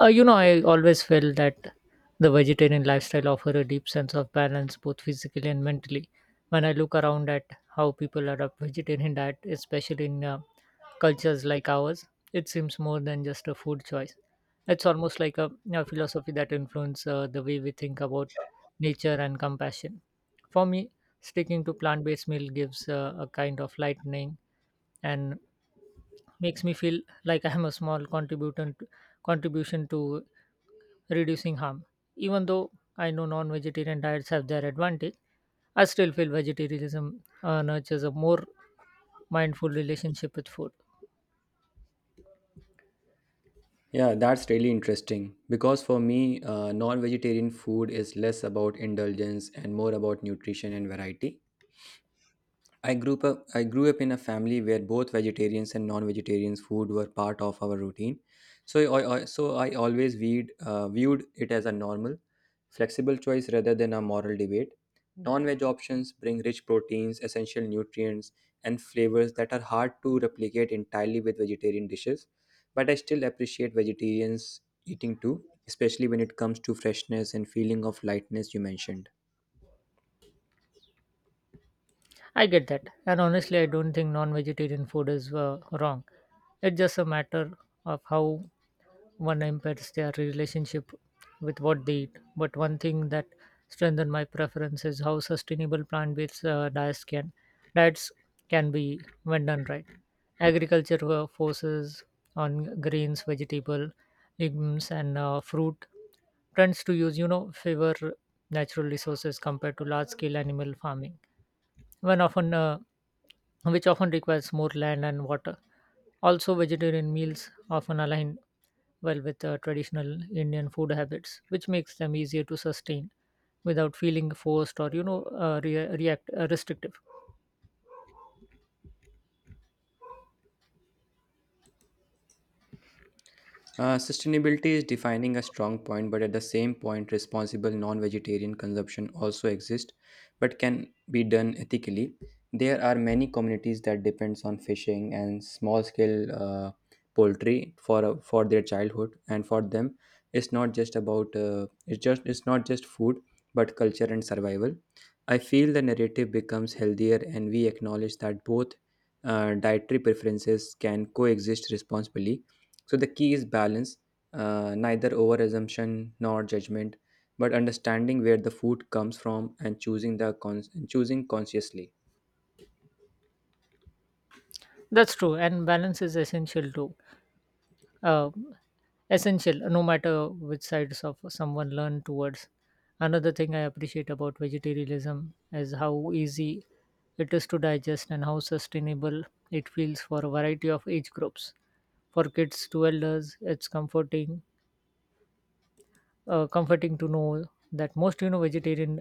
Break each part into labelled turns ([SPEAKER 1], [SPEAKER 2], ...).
[SPEAKER 1] I always felt that the vegetarian lifestyle offers a deep sense of balance, both physically and mentally. When I look around at how people adopt vegetarian diet, especially in cultures like ours, it seems more than just a food choice. It's almost like a philosophy that influences the way we think about nature and compassion. For me, sticking to plant-based meal gives a kind of lightening and makes me feel like I am a small contributor contribution to reducing harm. Even though I know non vegetarian diets have their advantage, I still feel vegetarianism nurtures a more mindful relationship with food.
[SPEAKER 2] Yeah, that's really interesting because for me, non vegetarian food is less about indulgence and more about nutrition and variety. I grew up in a family where both vegetarians and non-vegetarians food were part of our routine. So I always viewed it as a normal, flexible choice rather than a moral debate. Non-veg options bring rich proteins, essential nutrients, and flavors that are hard to replicate entirely with vegetarian dishes. But I still appreciate vegetarians eating too, especially when it comes to freshness and feeling of lightness you mentioned.
[SPEAKER 1] I get that. And honestly, I don't think non vegetarian food is wrong. It's just a matter of how one impacts their relationship with what they eat. But one thing that strengthened my preference is how sustainable plant based diets can be when done right. Agriculture forces on grains, vegetable, legumes, and fruit trends to use, you know, favor natural resources compared to large scale animal farming when often which often requires more land and water. Also, vegetarian meals often align well with traditional Indian food habits, which makes them easier to sustain without feeling forced or you know re- react restrictive.
[SPEAKER 2] Sustainability is defining a strong point, but at the same point, responsible non vegetarian consumption also exists but can be done ethically. There are many communities that depends on fishing and small scale poultry for their childhood, and for them, it's not just food, but culture and survival. I feel the narrative becomes healthier, and we acknowledge that both dietary preferences can coexist responsibly so the key is balance, neither over assumption nor judgment, but understanding where the food comes from and choosing choosing consciously.
[SPEAKER 1] That's true, and balance is essential too uh, essential no matter which sides of someone learn towards another thing I appreciate about vegetarianism is how easy it is to digest and how sustainable it feels for a variety of age groups for kids to elders it's comforting to know that most you know vegetarian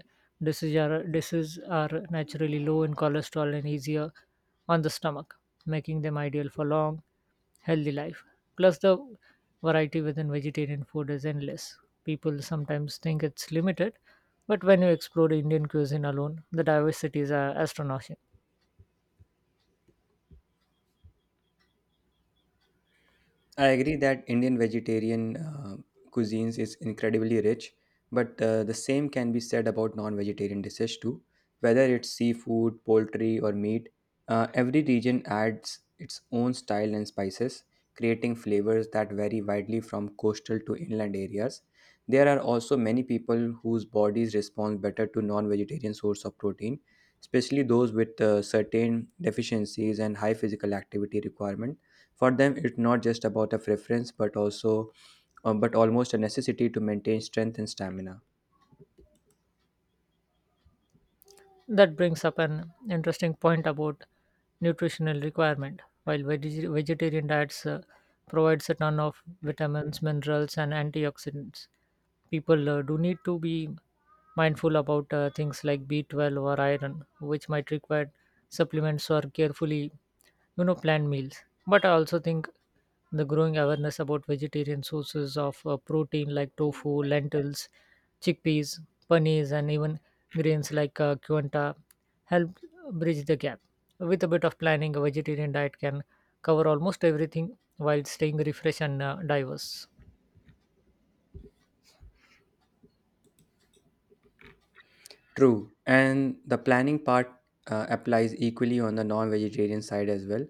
[SPEAKER 1] dishes are naturally low in cholesterol and easier on the stomach, making them ideal for long, healthy life. Plus, the variety within vegetarian food is endless. People sometimes think it's limited, but when you explore Indian cuisine alone, the diversity is astonishing.
[SPEAKER 2] I agree that Indian vegetarian cuisines is incredibly rich, but the same can be said about non-vegetarian dishes too. Whether it's seafood, poultry, or meat, every region adds its own style and spices, creating flavors that vary widely from coastal to inland areas. There are also many people whose bodies respond better to non-vegetarian source of protein, especially those with certain deficiencies and high physical activity requirement for them, it's not just about a preference, but also, but almost a necessity to maintain strength and stamina.
[SPEAKER 1] That brings up an interesting point about nutritional requirement. While vegetarian diets provides a ton of vitamins, minerals, and antioxidants, people do need to be mindful about things like B12 or iron, which might require supplements or carefully, you know, planned meals. But I also think the growing awareness about vegetarian sources of protein like tofu, lentils, chickpeas, paneers, and even grains like quinoa helped bridge the gap. With a bit of planning, a vegetarian diet can cover almost everything while staying refreshed and diverse.
[SPEAKER 2] True, and the planning part applies equally on the non vegetarian side as well.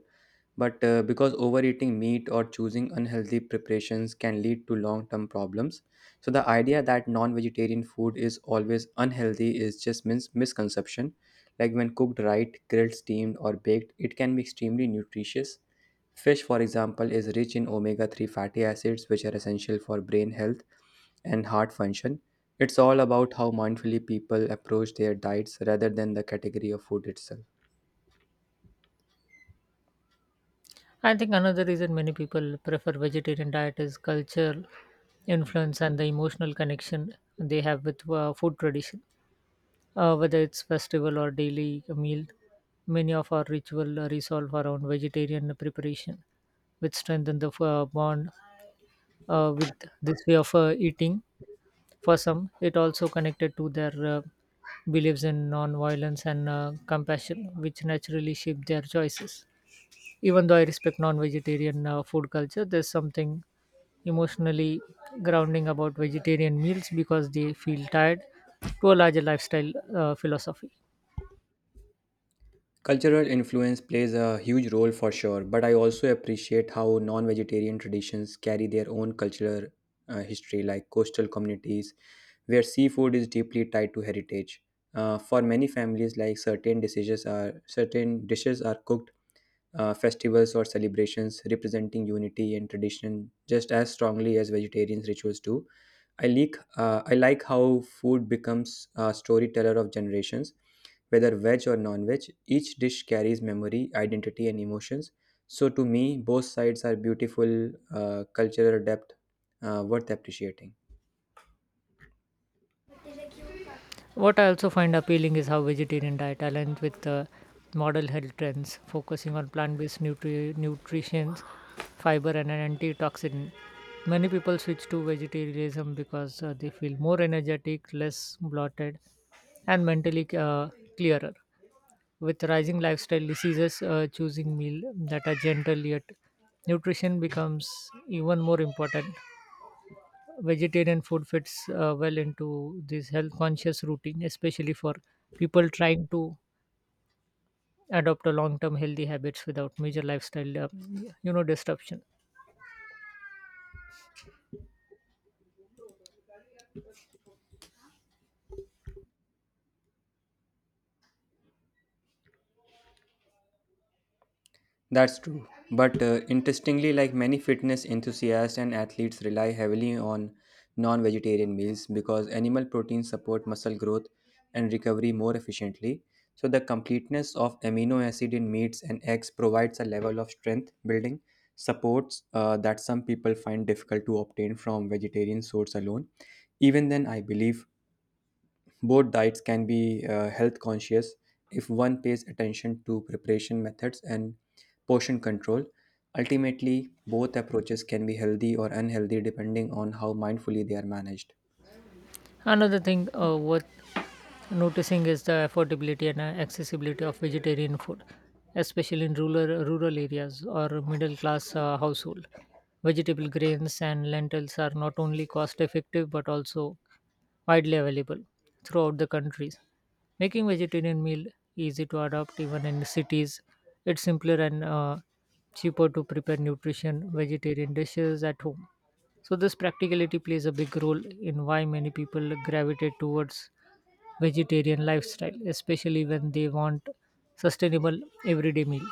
[SPEAKER 2] But because overeating meat or choosing unhealthy preparations can lead to long term problems, so the idea that non vegetarian food is always unhealthy is just misconception. Like when cooked right, grilled, steamed, or baked, it can be extremely nutritious. Fish, for example, is rich in omega 3 fatty acids, which are essential for brain health and heart function. It's all about how mindfully people approach their diets rather than the category of food itself.
[SPEAKER 1] I think another reason many people prefer vegetarian diet is cultural influence and the emotional connection they have with food tradition. Whether it's festival or daily meal, many of our ritual resolve around vegetarian preparation, which strengthen the bond with this way of eating. For some, it also connected to their beliefs in non-violence and compassion, which naturally shape their choices. Even though I respect non-vegetarian food culture, there's something emotionally grounding about vegetarian meals because they feel tied to a larger lifestyle philosophy.
[SPEAKER 2] Cultural influence plays a huge role for sure, but I also appreciate how non vegetarian traditions carry their own cultural history, like coastal communities where seafood is deeply tied to heritage. For many families, like certain dishes are cooked festivals or celebrations representing unity and tradition just as strongly as vegetarian rituals do. I like how food becomes a storyteller of generations, whether veg or non-veg. Each dish carries memory, identity, and emotions. So to me, both sides are beautiful cultural depth worth appreciating.
[SPEAKER 1] What I also find appealing is how vegetarian diet aligns with modern health trends, focusing on plant-based nutrition, fiber, and an antioxidant. Many people switch to vegetarianism because they feel more energetic, less bloated, and mentally clearer. With rising lifestyle diseases, choosing meal that are gentle yet nutrition becomes even more important vegetarian food fits well into this health conscious routine, especially for people trying to adopt a long term healthy habits without major lifestyle disruption.
[SPEAKER 2] That's true. But interestingly, like many fitness enthusiasts and athletes rely heavily on non vegetarian meals because animal proteins support muscle growth and recovery more efficiently. So, the completeness of amino acid in meats and eggs provides a level of strength building supports that some people find difficult to obtain from vegetarian source alone. Even then, I believe both diets can be health conscious if one pays attention to preparation methods and portion control. Ultimately, both approaches can be healthy or unhealthy depending on how mindfully they are managed.
[SPEAKER 1] Another thing worth noticing is the affordability and accessibility of vegetarian food, especially in rural areas or middle class household. Vegetable grains and lentils are not only cost effective but also widely available throughout the countries. Making vegetarian meal easy to adopt even in cities. It's simpler and cheaper to prepare nutrition vegetarian dishes at home. So this practicality plays a big role in why many people gravitate towards vegetarian lifestyle, especially when they want sustainable everyday meal.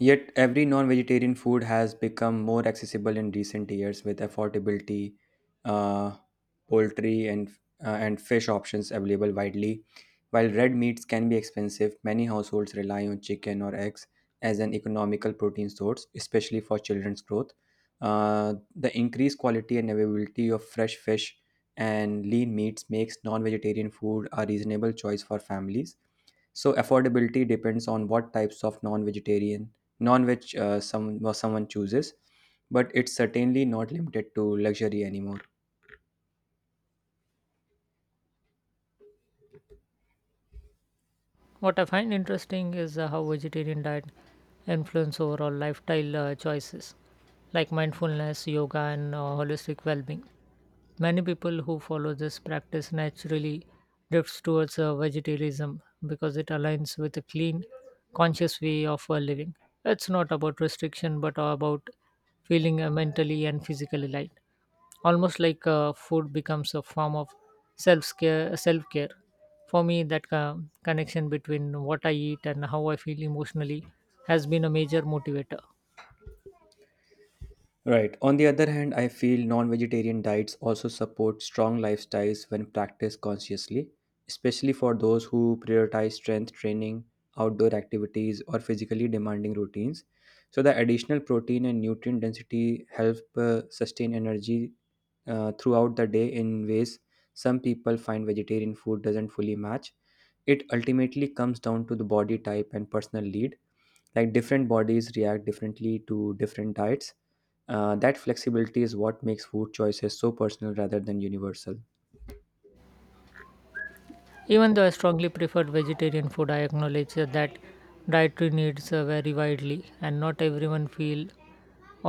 [SPEAKER 2] Yet, every non vegetarian food has become more accessible in recent years with affordability, uh, poultry, and, and fish options available widely. While red meats can be expensive, many households rely on chicken or eggs as an economical protein source, especially for children's growth. The increased quality and availability of fresh fish and lean meats makes non vegetarian food a reasonable choice for families so affordability depends on what types of non-veg some or someone chooses, but it's certainly not limited to luxury anymore.
[SPEAKER 1] What I find interesting is how vegetarian diet influence overall lifestyle choices like mindfulness, yoga, and holistic well-being. Many people who follow this practice naturally drifts towards vegetarianism because it aligns with a clean, conscious way of living. It's not about restriction, but about feeling mentally and physically light. Almost like food becomes a form of self care for me that connection between what I eat and how I feel emotionally has been a major motivator
[SPEAKER 2] Right. On the other hand, I feel non-vegetarian diets also support strong lifestyles when practiced consciously, especially for those who prioritize strength training, outdoor activities, or physically demanding routines. So the additional protein and nutrient density help sustain energy throughout the day in ways some people find vegetarian food doesn't fully match. It ultimately comes down to the body type and personal need. Like different bodies react differently to different diets. That flexibility is what makes food choices so personal rather than universal.
[SPEAKER 1] even though I strongly preferred vegetarian food I acknowledge that dietary needs vary widely and not everyone feel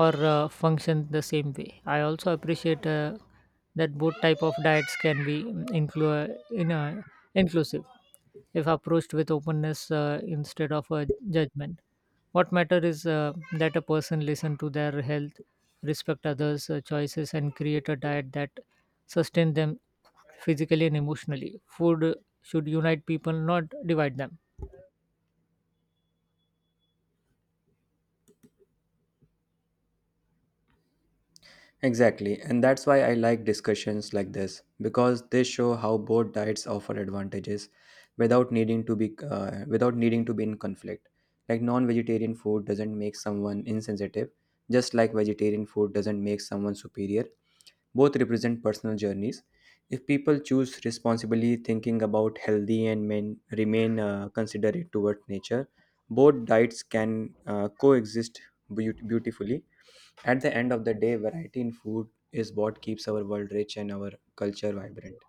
[SPEAKER 1] or function the same way I also appreciate that both type of diets can be inclu- in, uh, inclusive if approached with openness instead of a judgment. What matters is that a person listen to their health, respect others' choices, and create a diet that sustain them physically and emotionally. Food should unite people, not divide them.
[SPEAKER 2] Exactly, and that's why I like discussions like this because they show how both diets offer advantages without needing to be in conflict. Like non-vegetarian food doesn't make someone insensitive, just like vegetarian food doesn't make someone superior. Both represent personal journeys. If people choose responsibly, thinking about healthy and men remain considerate toward nature, both diets can coexist beautifully at the end of the day, variety in food is what keeps our world rich and our culture vibrant.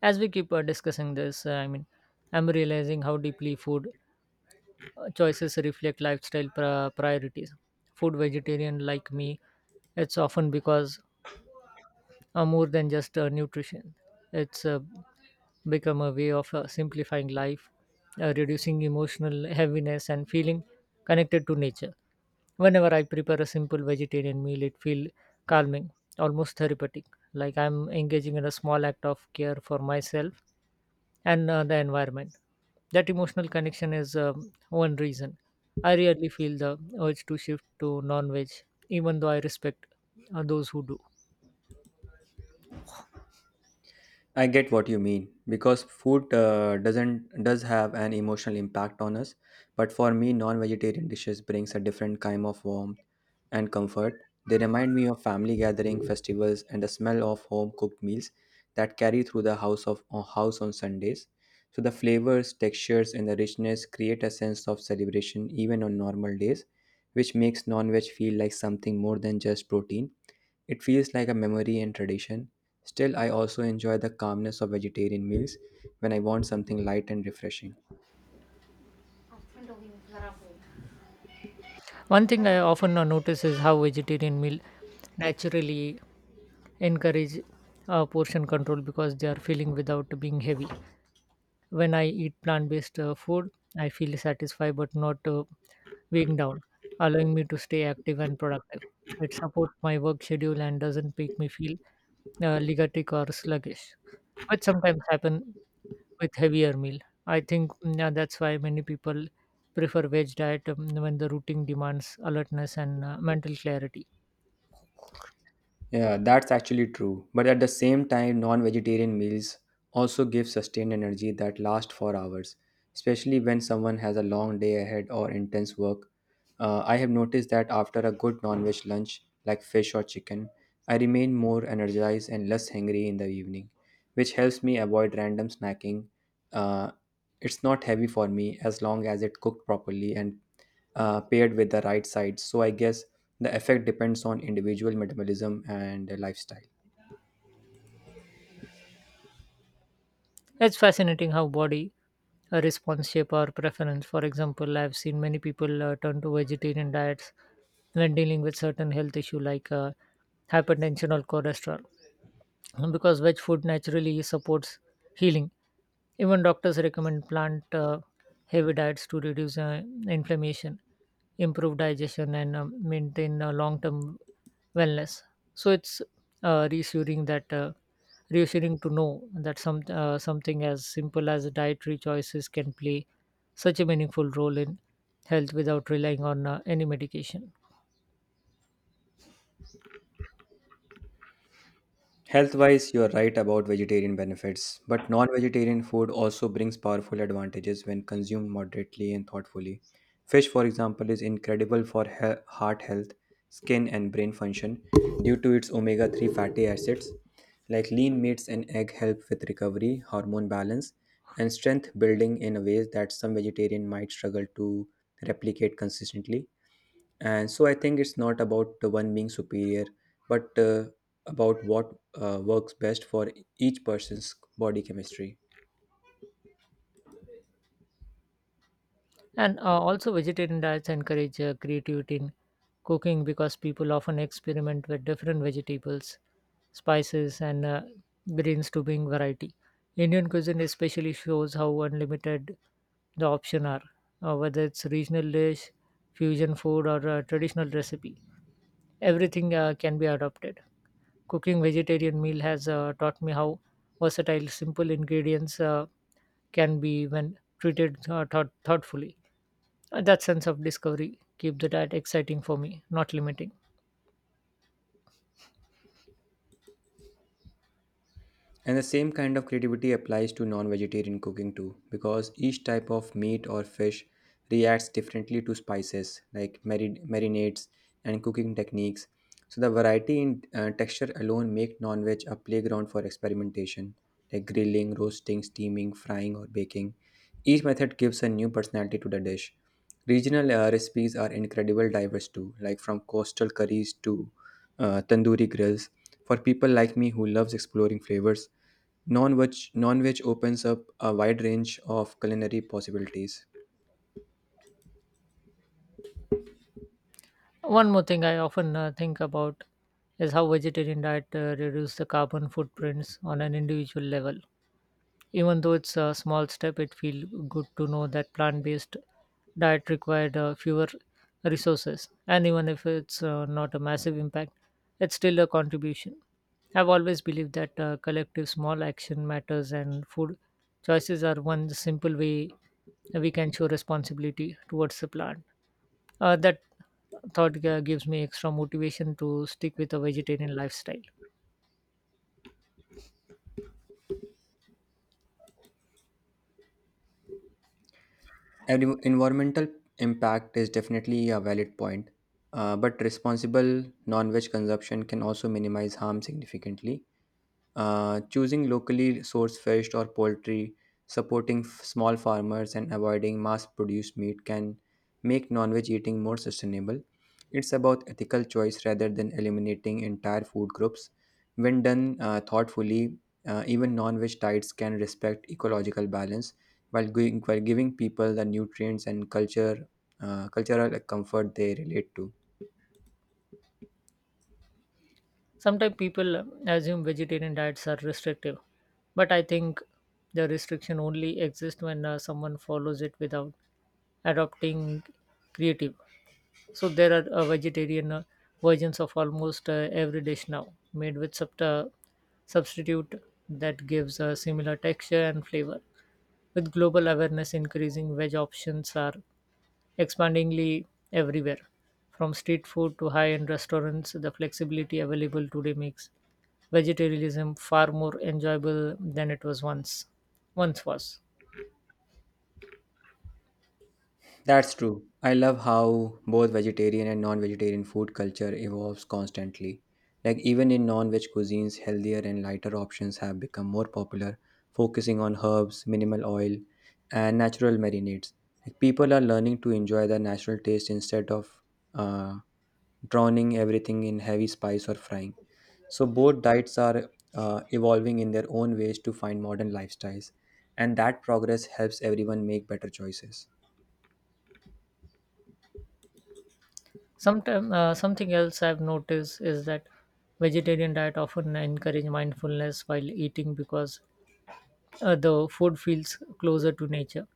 [SPEAKER 1] As we keep discussing this, I'm realizing how deeply food choices reflect lifestyle priorities. Food vegetarian like me, it's often because more than just nutrition. It's become a way of simplifying life, reducing emotional heaviness, and feeling connected to nature. Whenever I prepare a simple vegetarian meal, it feels calming, almost therapeutic, like I'm engaging in a small act of care for myself and the environment. That emotional connection is one reason. I rarely feel the urge to shift to non veg, even though I respect those who do.
[SPEAKER 2] I get what you mean because food doesn't does have an emotional impact on us, but for me, non-vegetarian dishes brings a different kind of warmth and comfort. They remind me of family gathering, festivals, and the smell of home-cooked meals that carry through the house of house on Sundays. So the flavors, textures, and the richness create a sense of celebration even on normal days, which makes non-veg feel like something more than just protein. It feels like a memory and tradition. Still, I also enjoy the calmness of vegetarian meals when I want something light and refreshing.
[SPEAKER 1] One thing I often notice is how vegetarian meal naturally encourage portion control because they are filling without being heavy. When I eat plant based food, I feel satisfied but not weighing down, allowing me to stay active and productive. It supports my work schedule and doesn't make me feel lethargic or sluggish, which sometimes happen with heavier meal. I think yeah, that's why many people prefer veg diet when the routine demands alertness and mental clarity.
[SPEAKER 2] Yeah, that's actually true. But at the same time, non vegetarian meals also give sustained energy that lasts for hours, especially when someone has a long day ahead or intense work. I have noticed that after a good non veg lunch, like fish or chicken, I remain more energized and less hungry in the evening, which helps me avoid random snacking. Uh, it's not heavy for me as long as it cooked properly and paired with the right sides. So I guess the effect depends on individual metabolism and lifestyle.
[SPEAKER 1] It's fascinating how body response shape our preference. For example, I've seen many people turn to vegetarian diets when dealing with certain health issue like hypertension or cholesterol because veg food naturally supports healing. Even doctors recommend plant heavy diets to reduce inflammation, improve digestion, and maintain long term wellness. So it's uh, reassuring that uh, reassuring to know that something as simple as dietary choices can play such a meaningful role in health without relying on any medication.
[SPEAKER 2] Health wise, you're right about vegetarian benefits, but non vegetarian food also brings powerful advantages when consumed moderately and thoughtfully. Fish, for example, is incredible for heart health, skin, and brain function due to its omega 3 fatty acids. Like lean meats and egg help with recovery, hormone balance, and strength building in a ways that some vegetarian might struggle to replicate consistently. And so I think it's not about the one being superior but about what works best for each person's body chemistry.
[SPEAKER 1] And also, vegetarian diets encourage creativity in cooking because people often experiment with different vegetables, spices, and greens to bring variety. Indian cuisine especially shows how unlimited the options are, whether it's regional dish, fusion food, or a traditional recipe. Everything can be adopted. Cooking vegetarian meal has taught me how versatile simple ingredients can be when treated thoughtfully. That sense of discovery keep the diet exciting for me, not limiting.
[SPEAKER 2] And the same kind of creativity applies to non vegetarian cooking too, because each type of meat or fish reacts differently to spices like marinades and cooking techniques. So, the variety in texture alone make non veg a playground for experimentation like grilling, roasting, steaming, frying, or baking. Each method gives a new personality to the dish. Regional recipes are incredible diverse too, like from coastal curries to tandoori grills. For people like me who loves exploring flavors, non-veg opens up a wide range of culinary possibilities.
[SPEAKER 1] One more thing I often think about is how vegetarian diet reduce the carbon footprints on an individual level. Even though it's a small step, it feels good to know that plant-based diet required fewer resources. And even if it's not a massive impact, it's still a contribution. I've always believed that collective small action matters, and food choices are one simple way we can show responsibility towards the plant. That thought gives me extra motivation to stick with a vegetarian lifestyle.
[SPEAKER 2] Environmental impact is definitely a valid point, but responsible non-veg consumption can also minimize harm significantly. Choosing locally sourced fish or poultry, supporting small farmers, and avoiding mass produced meat can make non veg eating more sustainable. It's about ethical choice rather than eliminating entire food groups. When done thoughtfully, even non veg diets can respect ecological balance while giving people the nutrients and culture, cultural comfort they relate to.
[SPEAKER 1] Sometimes people assume vegetarian diets are restrictive, but I think the restriction only exists when someone follows it without adopting creative. So there are vegetarian versions of almost every dish now, made with substitute that gives a similar texture and flavor. With global awareness increasing, veg options are expandingly everywhere. From street food to high end restaurants, the flexibility available today makes vegetarianism far more enjoyable than it was once was.
[SPEAKER 2] That's true. I love how both vegetarian and non-vegetarian food culture evolves constantly. Like even in non-veg cuisines, healthier and lighter options have become more popular, focusing on herbs, minimal oil, and natural marinades. Like people are learning to enjoy the natural taste instead of uh, drowning everything in heavy spice or frying. So both diets are evolving in their own ways to find modern lifestyles, and that progress helps everyone make better choices.
[SPEAKER 1] Sometime, something else I've noticed is that vegetarian diet often encourage mindfulness while eating because the food feels closer to nature.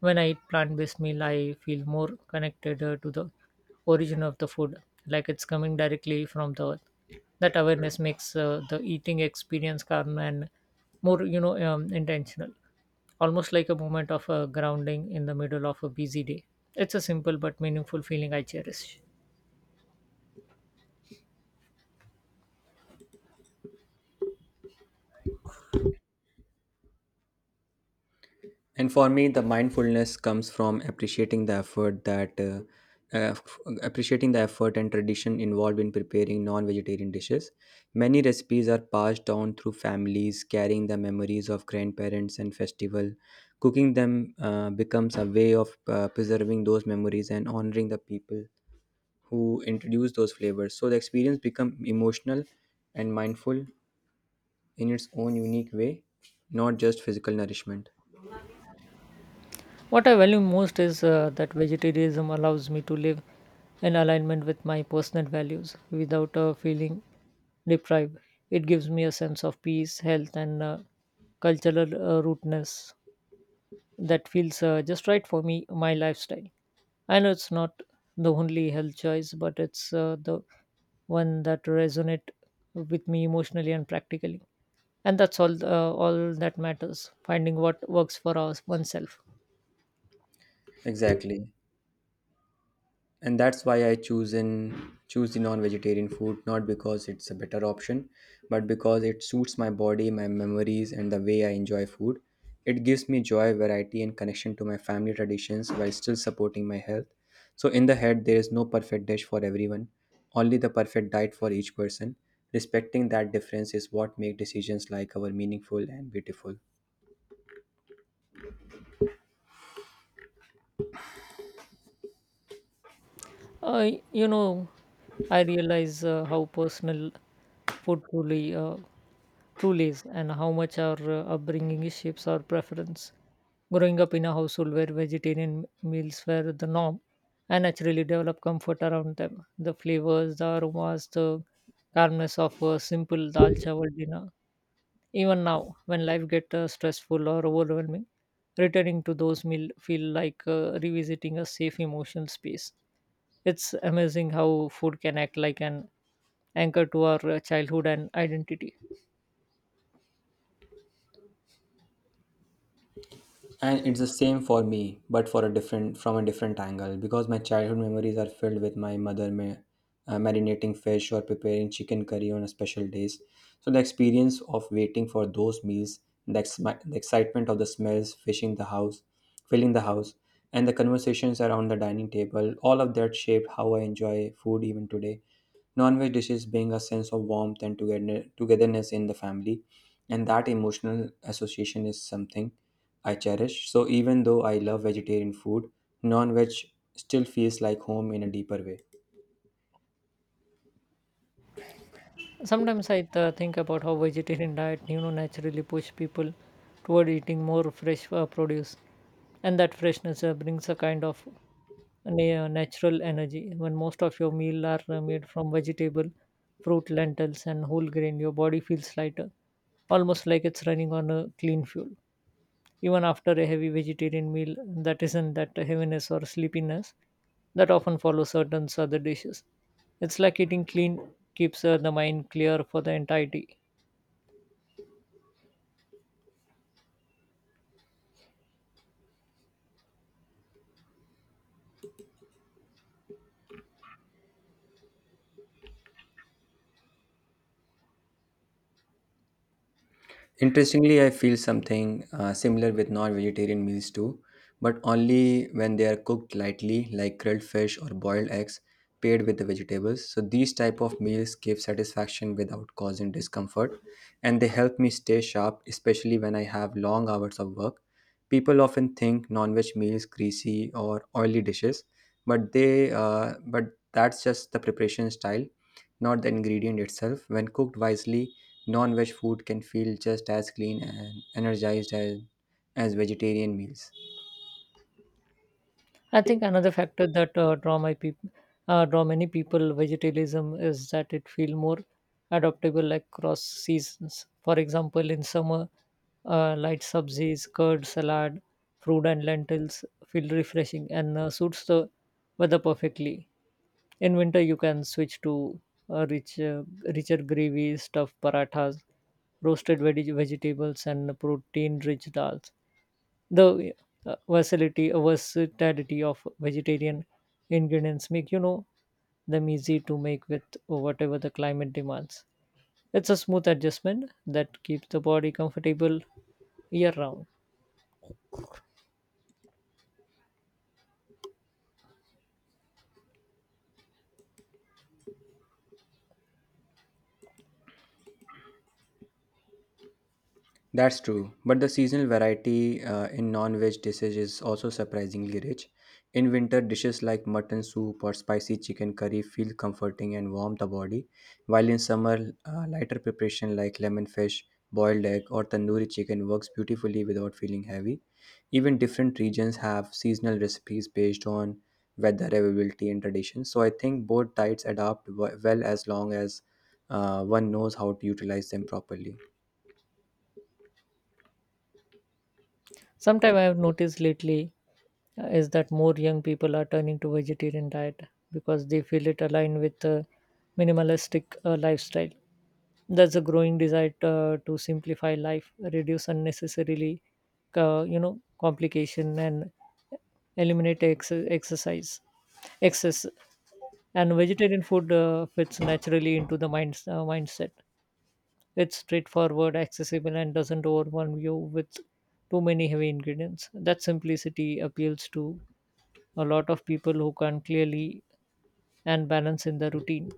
[SPEAKER 1] When I eat plant-based meal, I feel more connected to the origin of the food, like it's coming directly from the earth. That awareness makes the eating experience calm and more, you know, intentional. Almost like a moment of grounding in the middle of a busy day. It's a simple but meaningful feeling I cherish.
[SPEAKER 2] And for me, the mindfulness comes from appreciating the effort that uh, f- appreciating the effort and tradition involved in preparing non-vegetarian dishes. Many recipes are passed down through families, carrying the memories of grandparents and festival. Cooking them becomes a way of preserving those memories and honoring the people who introduce those flavors. So the experience become emotional and mindful in its own unique way, not just physical nourishment.
[SPEAKER 1] What I value most is that vegetarianism allows me to live in alignment with my personal values without feeling deprived. It gives me a sense of peace, health, and cultural rootness that feels just right for me, my lifestyle. I know it's not the only health choice, but it's the one that resonate with me emotionally and practically. And that's all that matters, finding what works for us oneself.
[SPEAKER 2] Exactly. And that's why I choose the non-vegetarian food not because it's a better option but because it suits my body, my memories, and the way I enjoy food. It gives me joy, variety, and connection to my family traditions while still supporting my health. So in the head there is no perfect dish for everyone, only the perfect diet for each person. Respecting that difference is what makes decisions like our meaningful and beautiful.
[SPEAKER 1] You know, I realize how personal food truly is, and how much our upbringing shapes our preference. Growing up in a household where vegetarian meals were the norm, I naturally developed comfort around them: the flavors, the aromas, the calmness of a simple dal chawal dinner. Even now, when life gets stressful or overwhelming, returning to those meal feel like revisiting a safe emotional space. It's amazing how food can act like an anchor to our childhood and identity.
[SPEAKER 2] And it's the same for me but for a different from a different angle because my childhood memories are filled with my mother marinating fish or preparing chicken curry on special days. So the experience of waiting for those meals, the excitement of the smells fishing the house filling the house and the conversations around the dining table, all of that shaped how I enjoy food even today. Non-veg dishes bring a sense of togetherness in the family, and that emotional association is something I cherish. So even though I love vegetarian food, non-veg still feels like home in a deeper way.
[SPEAKER 1] Sometimes I think about how vegetarian diet, you know, naturally push people toward eating more fresh produce, and that freshness brings a kind of natural energy. When most of your meal are made from vegetable, fruit, lentils, and whole grain, your body feels lighter, almost like it's running on a clean fuel. Even after a heavy vegetarian meal, that isn't that heaviness or sleepiness that often follows certain other dishes. It's like eating clean keeps the mind clear for the entire day.
[SPEAKER 2] Interestingly, I feel something similar with non-vegetarian meals too, but only when they are cooked lightly, like grilled fish or boiled eggs, paired with the vegetables. So these type of meals give satisfaction without causing discomfort, and they help me stay sharp, especially when I have long hours of work. People often think non-veg meals greasy or oily dishes, but they but that's just the preparation style, not the ingredient itself. When cooked wisely, non-veg food can feel just as clean and energized as vegetarian meals.
[SPEAKER 1] I think another factor that draw many people vegetarianism is that it feel more adaptable across seasons. For example, in summer, light subsies, curd, salad, fruit and lentils feel refreshing and suits the weather perfectly. In winter, you can switch to uh, rich, uh, richer gravy, stuffed parathas, roasted vegetables, and protein-rich dals. The versatility of vegetarian ingredients make, you know, them easy to make with whatever the climate demands. It's a smooth adjustment that keeps the body comfortable year round.
[SPEAKER 2] That's true, but the seasonal variety in non-veg dishes is also surprisingly rich. In winter, dishes like mutton soup or spicy chicken curry feel comforting and warm the body, while in summer, lighter preparation like lemon fish, boiled egg, or tandoori chicken works beautifully without feeling heavy. Even different regions have seasonal recipes based on weather availability and tradition, so I think both diets adapt well as long as one knows how to utilize them properly.
[SPEAKER 1] Sometime I have noticed lately is that more young people are turning to vegetarian diet because they feel it aligned with a minimalistic lifestyle. There's a growing desire to simplify life, reduce unnecessarily, you know, complication and eliminate ex- exercise excess. And vegetarian food fits naturally into the mindset. It's straightforward, accessible, and doesn't overwhelm you with too many heavy ingredients. That simplicity appeals to a lot of people who can't clearly and balance in the routine.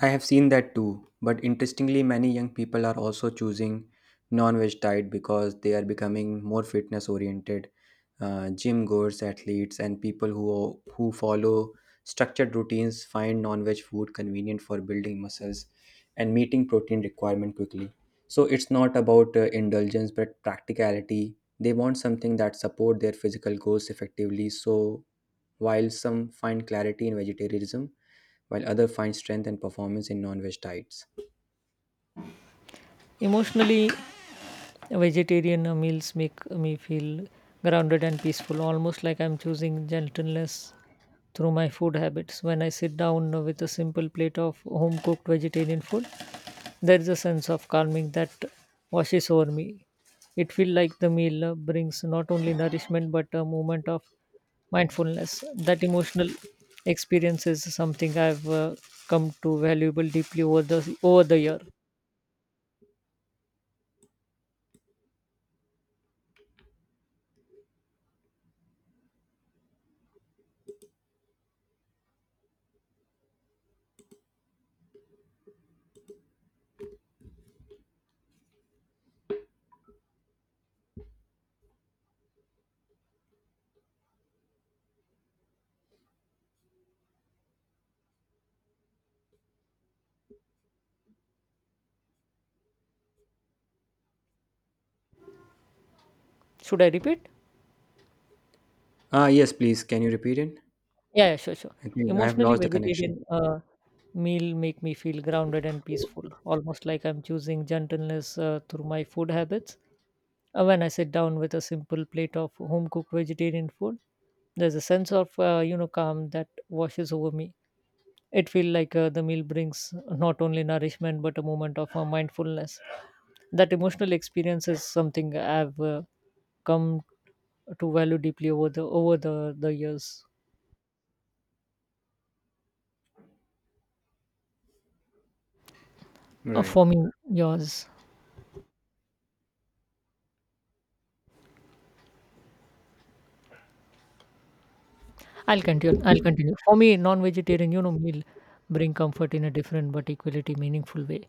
[SPEAKER 2] I have seen that too, but interestingly, many young people are also choosing non veg diet because they are becoming more fitness oriented. Gym goers, athletes, and who follow structured routines find non veg food convenient for building muscles and meeting protein requirement quickly. So it's not about indulgence but practicality. They want something that support their physical goals effectively. So while some find clarity in vegetarianism, while others find strength and performance in non-veg diets.
[SPEAKER 1] Emotionally, vegetarian meals make me feel grounded and peaceful, almost like I'm choosing gentleness through my food habits. When I sit down with a simple plate of home cooked vegetarian food, there is a sense of calming that washes over me. It feels like the meal brings not only nourishment but a moment of mindfulness. That emotional experience is something I've come to valuable deeply over the year. Should I repeat?
[SPEAKER 2] Ah, yes, please. Can you repeat it?
[SPEAKER 1] Yeah, yeah, sure, sure.
[SPEAKER 2] I think I have
[SPEAKER 1] Emotionally,
[SPEAKER 2] lost the connection.
[SPEAKER 1] vegetarian meal make me feel grounded and peaceful, almost like I'm choosing gentleness through my food habits. When I sit down with a simple plate of home cooked vegetarian food, there's a sense of calm that washes over me. It feels like the meal brings not only nourishment but a moment of mindfulness. That emotional experience is something I've come to value deeply over the years.
[SPEAKER 2] Right.
[SPEAKER 1] For me, yours. I'll continue. For me, non-vegetarian, you know, meal bring comfort in a different but equally meaningful way.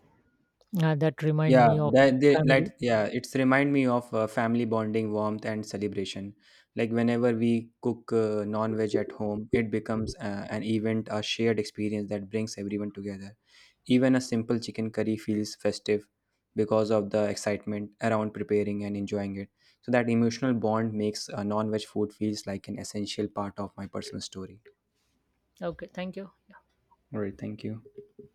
[SPEAKER 1] That remind
[SPEAKER 2] Yeah,
[SPEAKER 1] me of
[SPEAKER 2] that they
[SPEAKER 1] family.
[SPEAKER 2] like yeah, it's remind me of family bonding, warmth, and celebration. Like whenever we cook non-veg at home, it becomes an event, a shared experience that brings everyone together. Even a simple chicken curry feels festive because of the excitement around preparing and enjoying it. So that emotional bond makes non-veg food feels like an essential part of my personal story.
[SPEAKER 1] Okay, thank you.
[SPEAKER 2] All right, thank you.